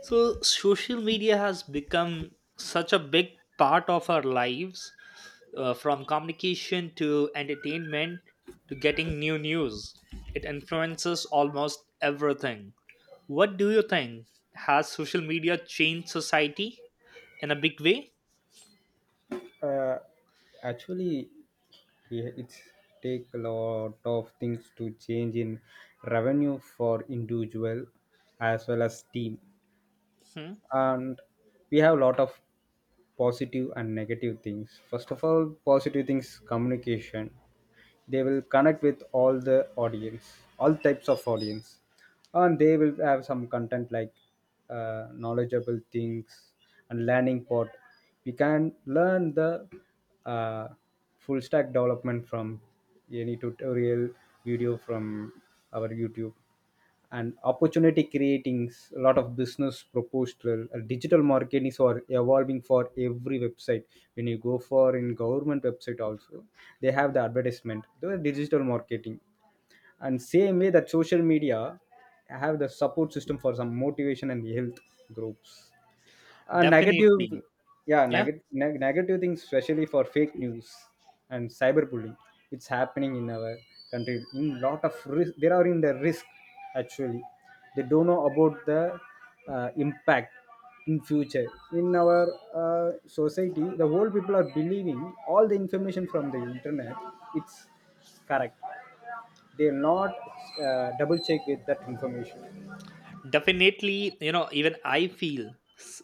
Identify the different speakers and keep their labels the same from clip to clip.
Speaker 1: So, social media has become such a big part of our lives, from communication to entertainment to getting new news. It influences almost everything. What do you think? Has social media changed society in a big way?
Speaker 2: Uh, Actually, yeah, it's take a lot of things to change in revenue for individual as well as team.
Speaker 1: Hmm?
Speaker 2: And we have a lot of positive and negative things. First of all, positive things: communication. They will connect with all the audience, all types of audience, and they will have some content like knowledgeable things and learning part. We can learn the uh, full stack development from any tutorial video from our YouTube. And opportunity creating a lot of business proposal. Digital marketing is or evolving for every website. When you go for in government website also, they have the advertisement, the digital marketing. And same way that social media have the support system for some motivation and health groups. Negative.
Speaker 1: Definitely.
Speaker 2: yeah
Speaker 1: Yeah,
Speaker 2: neg- neg- negative things, especially for fake news and cyberbullying. It's happening in our country, in lot of risk, they are in the risk. Actually, they don't know about the impact in future, in our uh, society. The whole people are believing all the information from the internet, it's correct. They're not double check with that information.
Speaker 1: definitely. You know, even I feel s-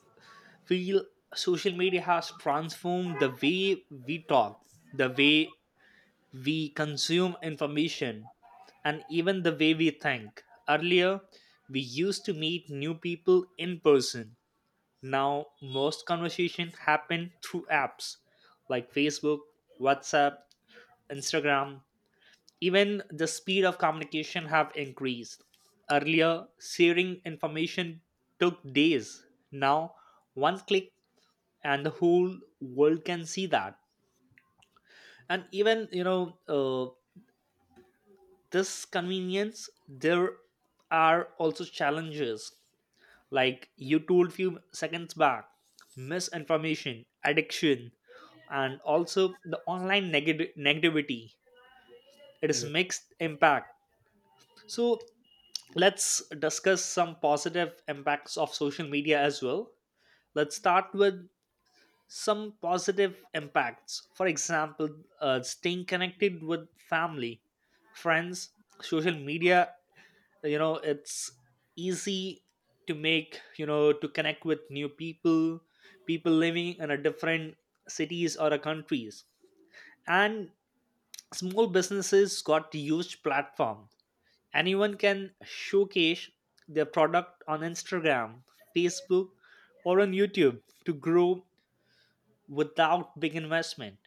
Speaker 1: feel social media has transformed the way we talk, the way we consume information, and even the way we think. Earlier, we used to meet new people in person. Now, most conversations happen through apps like Facebook, WhatsApp, Instagram. Even the speed of communication have increased. Earlier, sharing information took days. Now, one click and the whole world can see that. And even, this convenience, there are also challenges, like you told few seconds back: misinformation, addiction, and also the online negativity. It is
Speaker 2: Yeah.
Speaker 1: mixed impact. So let's discuss some positive impacts of social media as well. Let's start with some positive impacts. For example, staying connected with family, friends. Social media, it's easy to make, to connect with new people, people living in a different cities or a countries. And small businesses got huge platform. Anyone can showcase their product on Instagram, Facebook, or on YouTube to grow without big investment.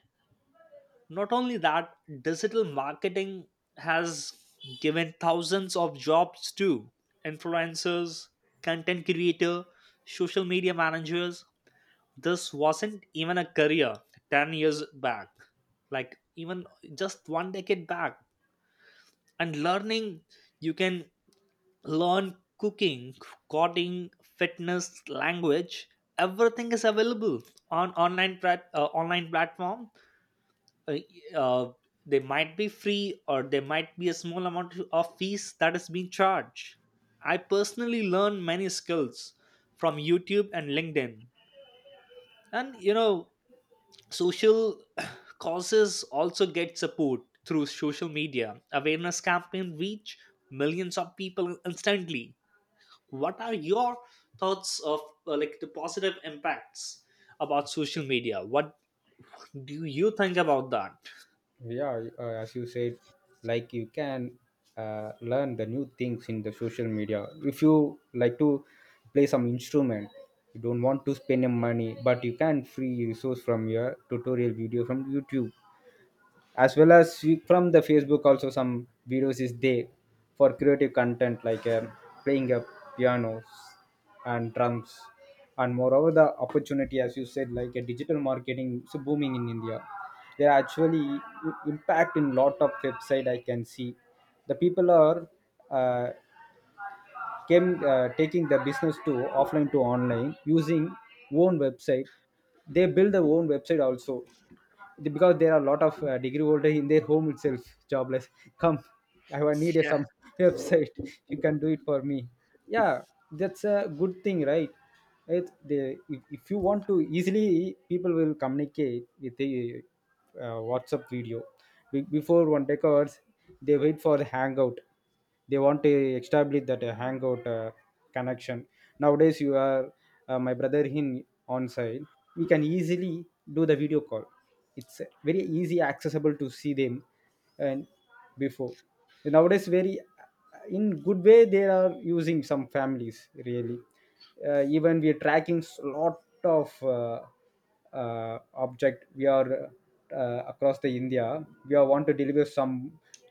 Speaker 1: Not only that, digital marketing has given thousands of jobs to influencers, content creator, social media managers. This wasn't even a career 10 years back, like even just one decade back. And learning, you can learn cooking, coding, fitness, language, everything is available on online platform. uh, uh, they might be free, or there might be a small amount of fees that is being charged. I personally learned many skills from YouTube and LinkedIn. And, social causes also get support through social media. Awareness campaign reach millions of people instantly. What are your thoughts of like the positive impacts about social media? What do you think about that?
Speaker 2: Yeah, as you said, like you can learn the new things in the social media. If you like to play some instrument, you don't want to spend your money, but you can free resource from your tutorial video from YouTube, as well as from the Facebook also, some videos is there for creative content, like playing a pianos and drums. And moreover, the opportunity, as you said, like a digital marketing is booming in India. They are actually impact in lot of website, I can see. The people are uh, came taking the business to offline to online using own website. They build their own website also. Because there are a lot of degree holder in their home itself, jobless come. I will need a,
Speaker 1: Yeah,
Speaker 2: some website, you can do it for me. Yeah, that's a good thing, right? It, they, if, if you want to easily, people will communicate with a WhatsApp video. Before, one take hours, they wait for the hangout. They want to establish that hangout connection. Nowadays, you are, my brother in on site, we can easily do the video call. It's very easy accessible to see them. And before, nowadays very in good way they are using, some families really. Even we are tracking lot of object, we are across the India. We are want to deliver some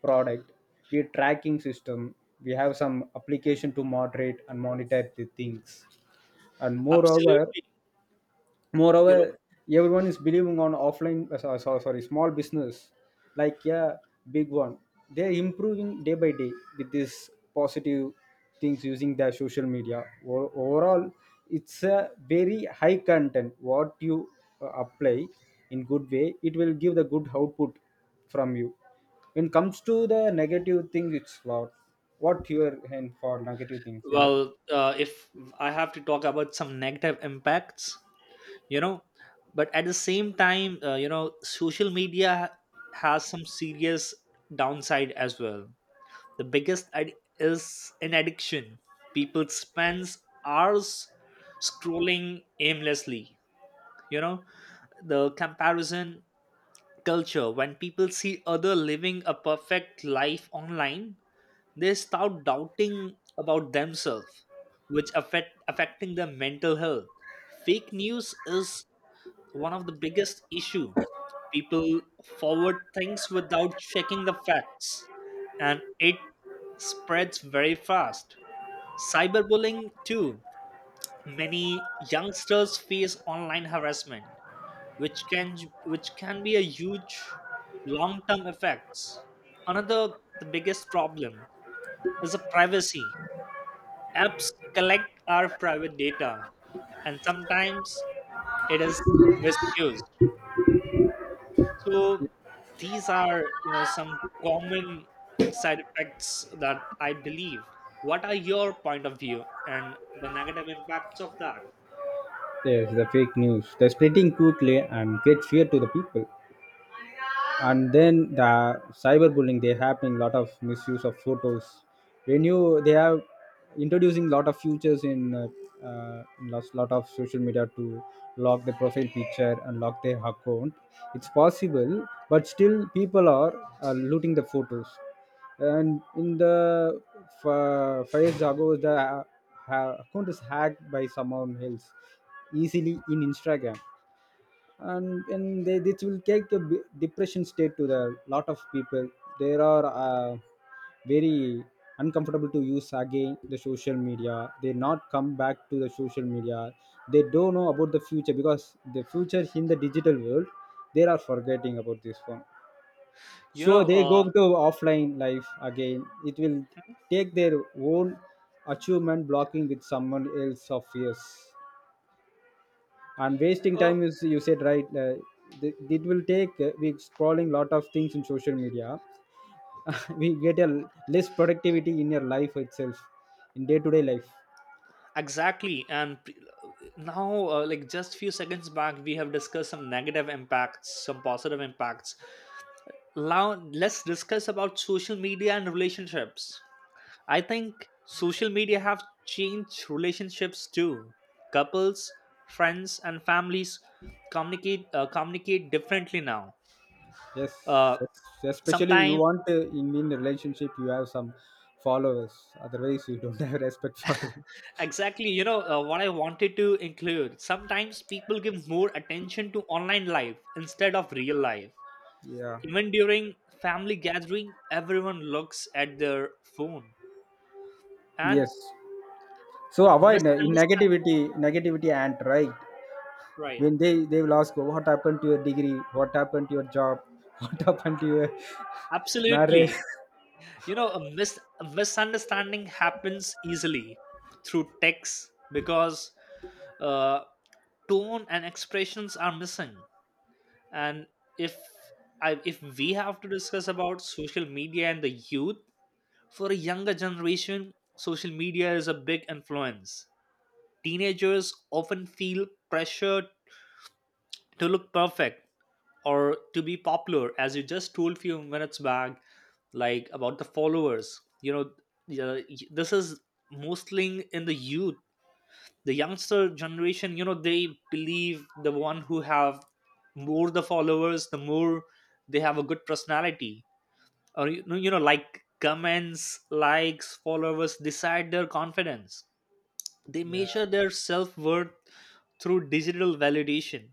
Speaker 2: product, we are tracking system, we have some application to moderate and monitor the things. And moreover,
Speaker 1: absolutely. You
Speaker 2: moreover,
Speaker 1: know.
Speaker 2: everyone is believing on offline, sorry, small business, like yeah, big one. They're improving day by day with this positive things using their social media. Overall, it's a very high content, what you apply in good way, it will give the good output from you. When it comes to the negative things, it's lot. What your hand for negative things, man?
Speaker 1: Well, if I have to talk about some negative impacts, you know, but at the same time, social media has some serious downside as well. The biggest is an addiction. People spends hours scrolling aimlessly. You know, the comparison culture, when people see other living a perfect life online, they start doubting about themselves, which affecting their mental health. Fake news is one of the biggest issue. People forward things without checking the facts, and it spreads very fast. Cyberbullying too. Many youngsters face online harassment, which can be a huge long-term effects. Another the biggest problem is the privacy. Apps collect our private data, and sometimes it is misused. So these are, some common side effects that I believe. What are your point of view and the negative impacts of that?
Speaker 2: Yes, the fake news, they're spreading quickly and create fear to the people. And then the cyberbullying, they having lot of misuse of photos. When you, they are introducing lot of features in lot of social media to lock the profile picture and lock their account, it's possible. But still people are looting the photos. And in the Fayez Jago, the account is hacked by someone else easily in Instagram. And they, this will take a depression state to the lot of people. They are very uncomfortable to use again the social media, they not come back to the social media. They don't know about the future, because the future in the digital world, they are forgetting about this one.
Speaker 1: You
Speaker 2: So
Speaker 1: know,
Speaker 2: they go
Speaker 1: uh,
Speaker 2: to offline life again, it will take their own achievement, blocking with someone else of years. And wasting
Speaker 1: uh,
Speaker 2: time, is you said, right? It will take, we scrolling lot of things in social media, we get a less productivity in your life itself, in day to day life.
Speaker 1: exactly. And now, like just few seconds back, we have discussed some negative impacts, some positive impacts. Now, let's discuss about social media and relationships. I think social media have changed relationships too. Couples, friends, and families communicate differently now.
Speaker 2: Yes.
Speaker 1: Uh,
Speaker 2: Yes. Especially, you
Speaker 1: Sometimes,
Speaker 2: want in a relationship you have some followers, otherwise you don't have respect for them.
Speaker 1: exactly, what I wanted to include. Sometimes people give more attention to online life instead of real life.
Speaker 2: Yeah.
Speaker 1: Even during family gathering, everyone looks at their phone and
Speaker 2: Yes, so avoid
Speaker 1: misunderstand.
Speaker 2: negativity, negativity, and right.
Speaker 1: Right?
Speaker 2: When they will ask, what happened to your degree, what happened to your job, what happened to your marriage.
Speaker 1: Absolutely, a misunderstanding happens easily through text, because uh, tone and expressions are missing. And if if we have to discuss about social media and the youth, for a younger generation, social media is a big influence. Teenagers often feel pressure to look perfect or to be popular, as you just told few minutes back, like about the followers, yeah, this is mostly in the youth. The youngster generation, they believe the one who have more the followers, the more they have a good personality. Or, like comments, likes, followers decide their confidence. They measure
Speaker 2: Yeah.
Speaker 1: their self-worth through digital validation.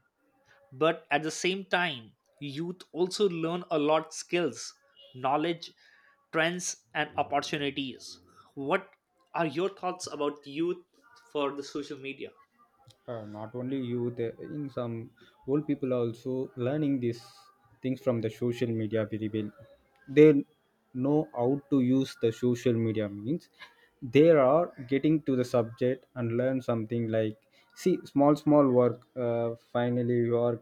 Speaker 1: But at the same time, youth also learn a lot skills, knowledge, trends, and opportunities. What are your thoughts about youth for the social media?
Speaker 2: Not only youth, in some old people also learning these things from the social media very well. They know how to use the social media means, they are getting to the subject and learn something, like see, small, small work. Finally, you are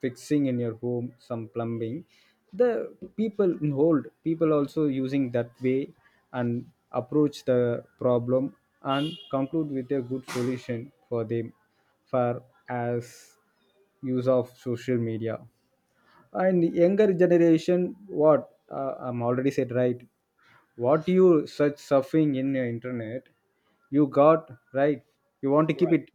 Speaker 2: fixing in your home some plumbing. The people hold, people also using that way, and approach the problem and conclude with a good solution for them, for as use of social media. And younger generation, what I'm already said, right? What you search surfing in your internet, you got right. You want to keep
Speaker 1: Right.
Speaker 2: it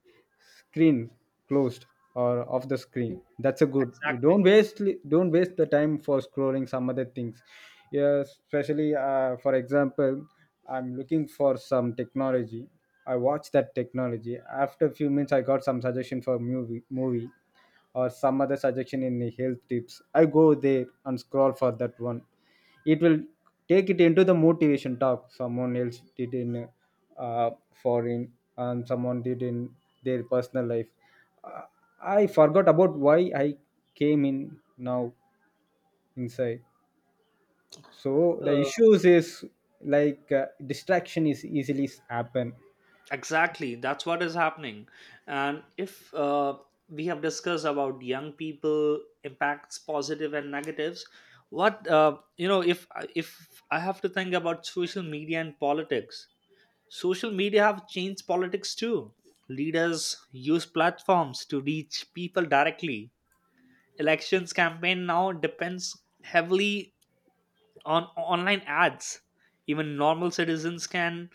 Speaker 2: screen closed or off the screen, that's a good. You don't
Speaker 1: exactly
Speaker 2: waste, don't waste the time for scrolling some other things. Yeah, especially for example, I'm looking for some technology, I watch that technology. After a few minutes, I got some suggestion for movie or some other suggestion in the health tips, I go there and scroll for that one. It will take it into the motivation talk someone else did in uh, foreign, and someone did in their personal life. Uh, I forgot about why I came in now inside. So the
Speaker 1: uh,
Speaker 2: issues is, like distraction is easily happen.
Speaker 1: exactly that's what is happening. And if we have discussed about young people impacts, positive and negatives, what if I have to think about social media and politics. Social media have changed politics too. Leaders use platforms to reach people directly. Elections campaign now depends heavily on online ads. Even normal citizens can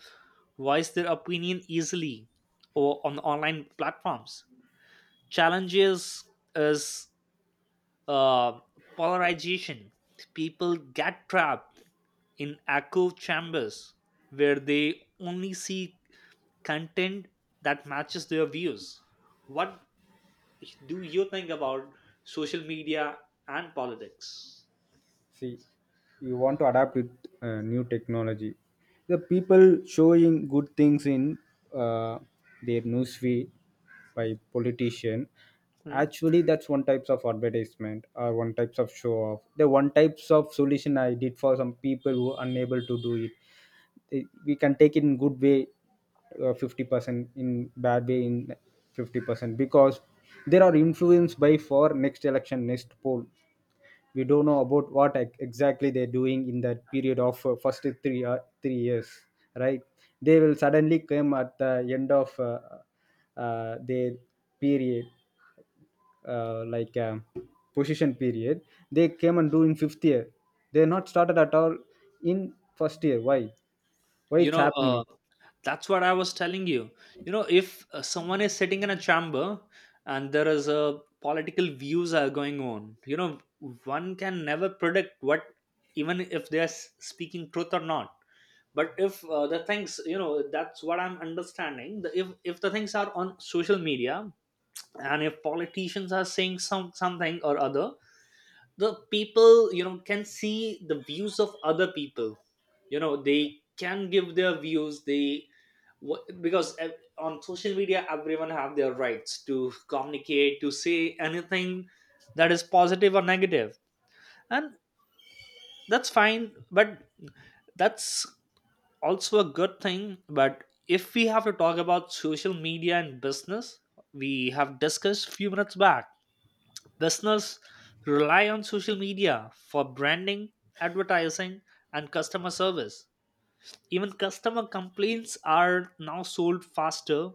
Speaker 1: voice their opinion easily or on online platforms. Challenges is uh, polarization. People get trapped in echo chambers where they only see content that matches their views. What do you think about social media and politics?
Speaker 2: See, you want to adapt with new technology. The people showing good things in uh, their newsfeed by politician.
Speaker 1: Hmm?
Speaker 2: Actually, that's one types of advertisement, or one types of show off, the one types of solution I did for some people who unable to do it. We can take it in good way, 50% in bad way in 50%. Because they are influenced by for next election, next poll, we don't know about what exactly they're doing in that period of first three 3 years, right? They will suddenly come at the end of their period, uh, like um, position period. They came and do in fifth year, they're not started at all in first year. Why? Why
Speaker 1: You
Speaker 2: it's
Speaker 1: know, uh,
Speaker 2: happening?
Speaker 1: that's what I was telling you. If someone is sitting in a chamber and there is a political views are going on, one can never predict what, even if they're speaking truth or not. But if the things, that's what I'm understanding. The, if the things are on social media, and if politicians are saying something or other, the people, can see the views of other people. They can give their views, because on social media, everyone have their rights to communicate, to say anything that is positive or negative. And that's fine, but that's also a good thing. But if we have to talk about social media and business, we have discussed few minutes back. Business rely on social media for branding, advertising, and customer service. Even customer complaints are now sold faster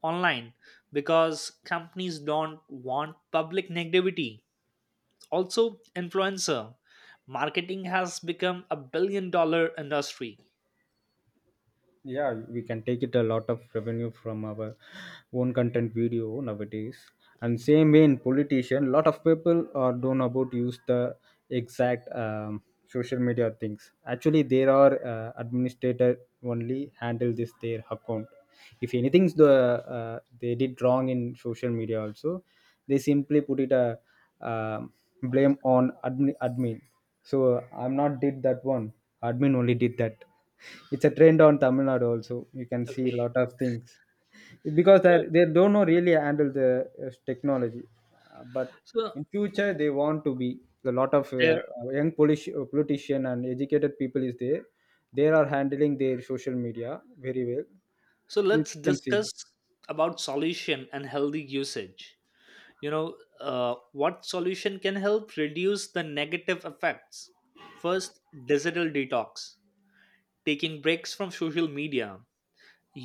Speaker 1: online because companies don't want public negativity. Also, influencer marketing has become a $1 billion industry.
Speaker 2: Yeah, we can take it a lot of revenue from our own content video nowadays. And same way in politician, lot of people are don't about use the exact, social media things. Actually, there are administrator only handle this their account. If anything's the, they did wrong in social media also, they simply put it a, um blame on admin. So I'm not did that one, admin only did that. It's a trend on Tamil Nadu also. You can see a
Speaker 1: Okay.
Speaker 2: lot of things, because
Speaker 1: You
Speaker 2: they
Speaker 1: know,
Speaker 2: they don't know really handle the technology. But
Speaker 1: so
Speaker 2: in future, they want to be a lot of
Speaker 1: there
Speaker 2: politician and educated people is there. They are handling their social media very well.
Speaker 1: so
Speaker 2: You
Speaker 1: let's
Speaker 2: can see.
Speaker 1: discuss about solution and healthy usage. What solution can help reduce the negative effects? First, digital detox, taking breaks from social media,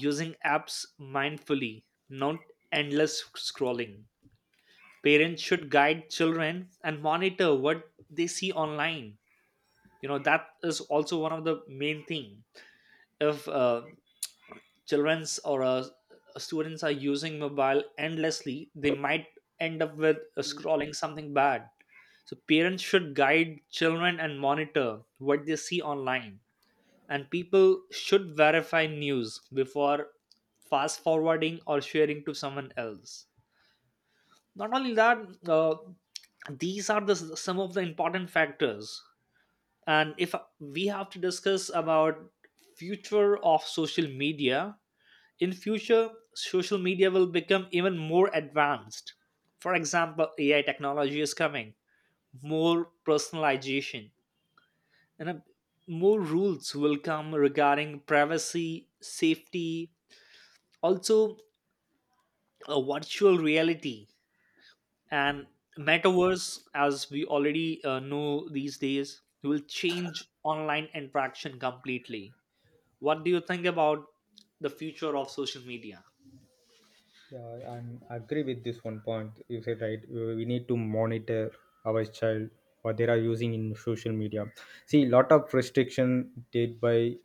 Speaker 1: using apps mindfully, not endless scrolling. Parents should guide children and monitor what they see online. That is also one of the main thing. If children's or students are using mobile endlessly, they might end up with scrolling something bad. So parents should guide children and monitor what they see online, and people should verify news before fast forwarding or sharing to someone else. Not only that, uh, these are the some of the important factors. And if we have to discuss about future of social media, in future, social media will become even more advanced. For example, AI technology is coming, more personalization, and more rules will come regarding privacy, safety, also virtual reality and metaverse, as we already know these days, will change online interaction completely. What do you think about the future of social media?
Speaker 2: Yeah, and I agree with this one point. You said right. We need to monitor our child what they are using in social media. See, lot of restriction did by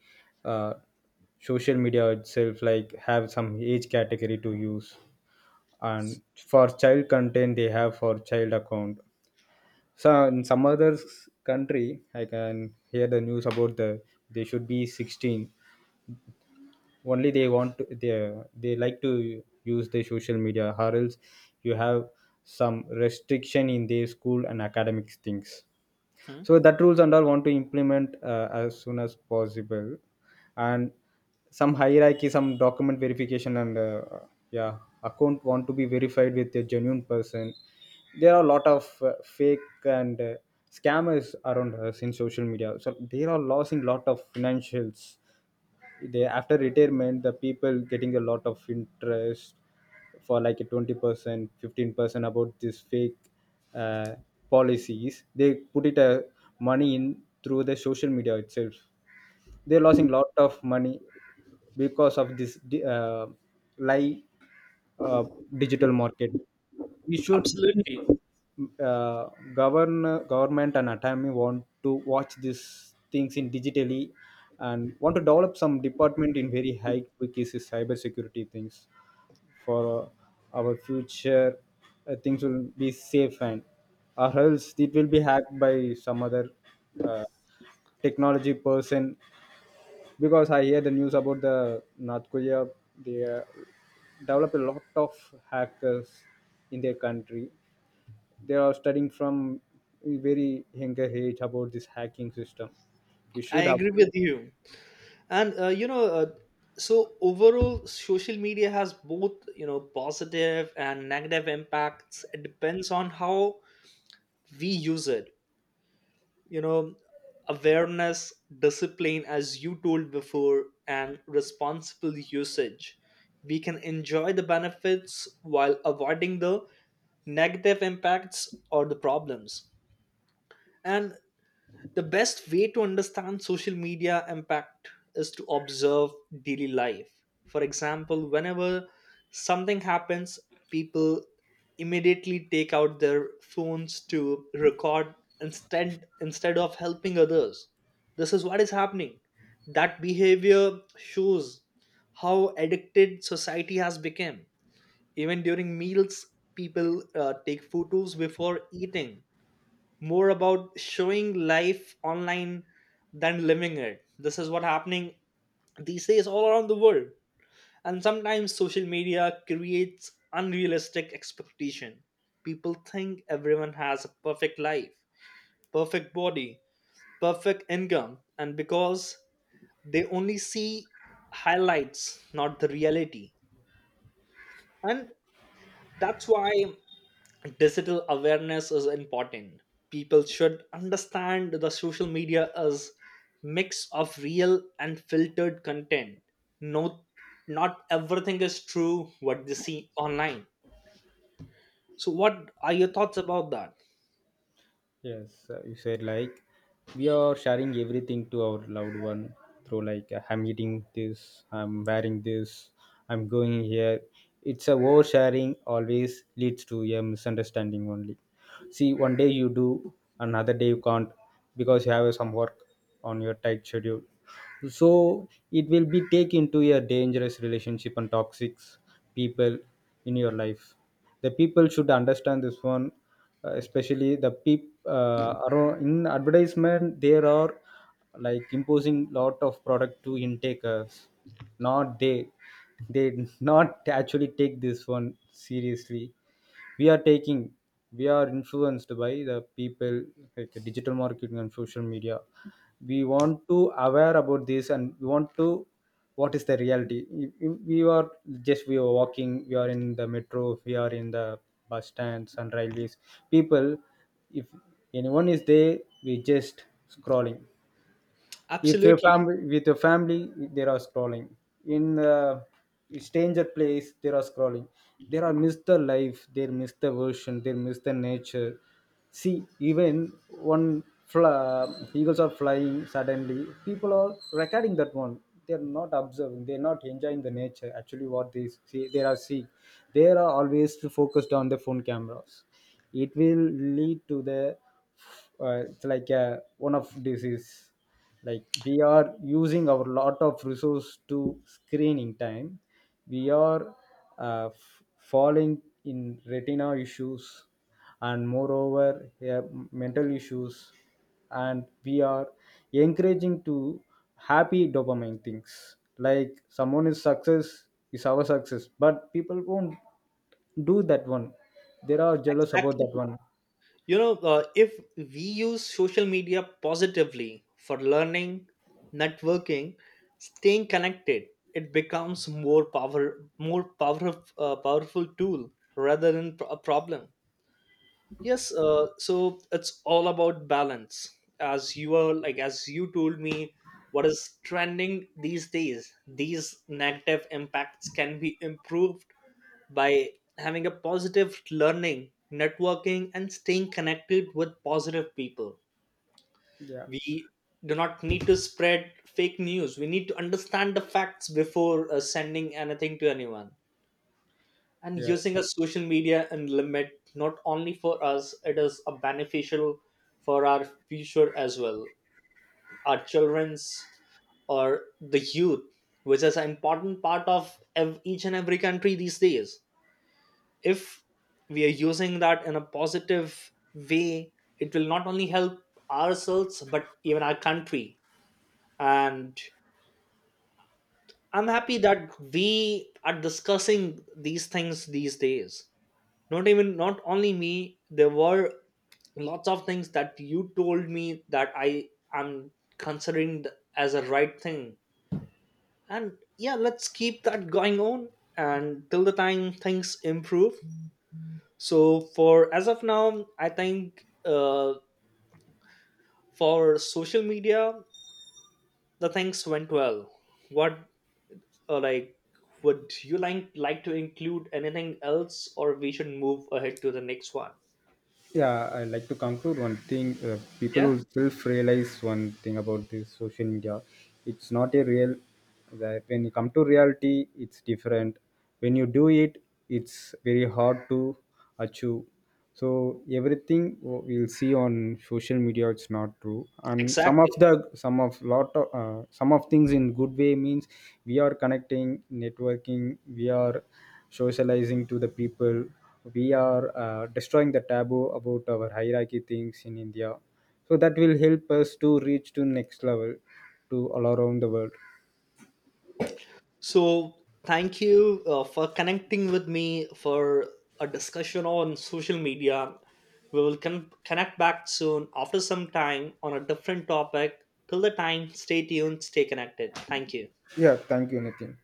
Speaker 2: uh, social media itself, like have some age category to use, and for child content they have for child account. So in some other country, I can hear the news about the, they should be 16, only they want to, they like to use the social media, or else you have some restriction in their school and academic things.
Speaker 1: Hmm?
Speaker 2: So that rules and all want to implement as soon as possible. And some hierarchy, some document verification, and yeah, account want to be verified with a genuine person. There are a lot of fake and scammers around us in social media, so they are losing lot of financials. They, after retirement, the people getting a lot of interest for like a 20% 15% about this fake uh, policies. They put it money in through the social media itself. They're losing lot of money because of this lie, uh, digital market. We should be
Speaker 1: Absolutely.
Speaker 2: uh, government, and atami want to watch these things in digitally, and want to develop some department in very high quick is cyber security things for our future. Things will be safe, and or else it will be hacked by some other uh, technology person. Because I hear the news about the North Korea. They develop a lot of hackers in their country. They are studying from a very younger age about this hacking system. We
Speaker 1: I
Speaker 2: should have.
Speaker 1: agree with you. And you know So overall, social media has both, positive and negative impacts. It depends on how we use it. you know Awareness, discipline, as you told before, and responsible usage, we can enjoy the benefits while avoiding the negative impacts or the problems. And the best way to understand social media impact is to observe daily life. For example, whenever something happens, people immediately take out their phones to record, instead of helping others. This is what is happening. That behavior shows how addicted society has become. Even during meals, people take photos before eating, more about showing life online than living it. This is what happening these days all around the world. And sometimes social media creates unrealistic expectation. People think everyone has a perfect life, perfect body, perfect income, and because they only see highlights, not the reality. And that's why digital awareness is important. People should understand the social media is mix of real and filtered content. No, not everything is true what they see online. So what are your thoughts about that?
Speaker 2: Yes, you said, like we are sharing everything to our loved one through, like, I'm eating this, I'm wearing this, I'm going here. It's a oversharing, always leads to a misunderstanding only. See, one day you do, another day you can't, because you have some work on your tight schedule. So it will be taken to a dangerous relationship and toxic people in your life. The people should understand this one, especially the people around in advertisement. There are like imposing lot of product to intakers, not they, they not actually take this one seriously. We are taking, we are influenced by the people, like the digital marketing and social media. We want to aware about this, and we want to what is the reality. If we are just, we are walking, we are in the metro, we are in the bus stands and railways, people, if anyone is there, we just scrolling. If your
Speaker 1: Absolutely.
Speaker 2: family, with your family they are scrolling, in stranger place they are scrolling. They are miss the life, they miss the version, they miss the nature. See, even eagles are flying, suddenly people are recording that one. They are not observing, they are not enjoying the nature. Actually what they see they are seeing, they are always focused on the phone cameras. It will lead to the, it's like a one of disease. Like we are using our lot of resource to screening time. We are uh, f- falling in retina issues. And moreover, yeah, mental issues. And we are encouraging to happy dopamine things, like someone is success is our success. But people won't do that one, they are jealous about that
Speaker 1: Exactly.
Speaker 2: one.
Speaker 1: You know, if we use social media positively for learning, networking, staying connected, it becomes powerful tool rather than a problem. Yes, so it's all about balance. As you told me, what is trending these days? These negative impacts can be improved by having a positive learning, networking, and staying connected with positive people.
Speaker 2: Yeah.
Speaker 1: We do not need to spread fake news. We need to understand the facts before sending anything to anyone, and
Speaker 2: Yes.
Speaker 1: using a social media and limit, not only for us it is a beneficial for our future as well, our children's or the youth, which is an important part of each and every country these days. If we are using that in a positive way, it will not only help ourselves but even our country. And I'm happy that we are discussing these things these days. Not only me, there were lots of things that you told me that I am considering as a right thing. And yeah, let's keep that going on, and till the time things improve. So for as of now, I think for social media, the things went well. What like, would you like to include anything else, or we should move ahead to the next one?
Speaker 2: Yeah, I like to conclude one thing. People
Speaker 1: Yeah,
Speaker 2: will self realize one thing about this social media. It's not a real, that when you come to reality it's different, when you do it it's very hard to achieve. So everything we'll see on social media it's not true. And some of
Speaker 1: exactly.
Speaker 2: the some of lot of some of things in good way means, we are connecting, networking, we are socializing to the people, we are destroying the taboo about our hierarchy things in India. So that will help us to reach to next level, to all around the world.
Speaker 1: So, thank you for connecting with me for a discussion on social media. We will connect back soon after some time on a different topic. Till the time, stay tuned, stay connected. Thank you.
Speaker 2: Yeah, thank you, Nitin.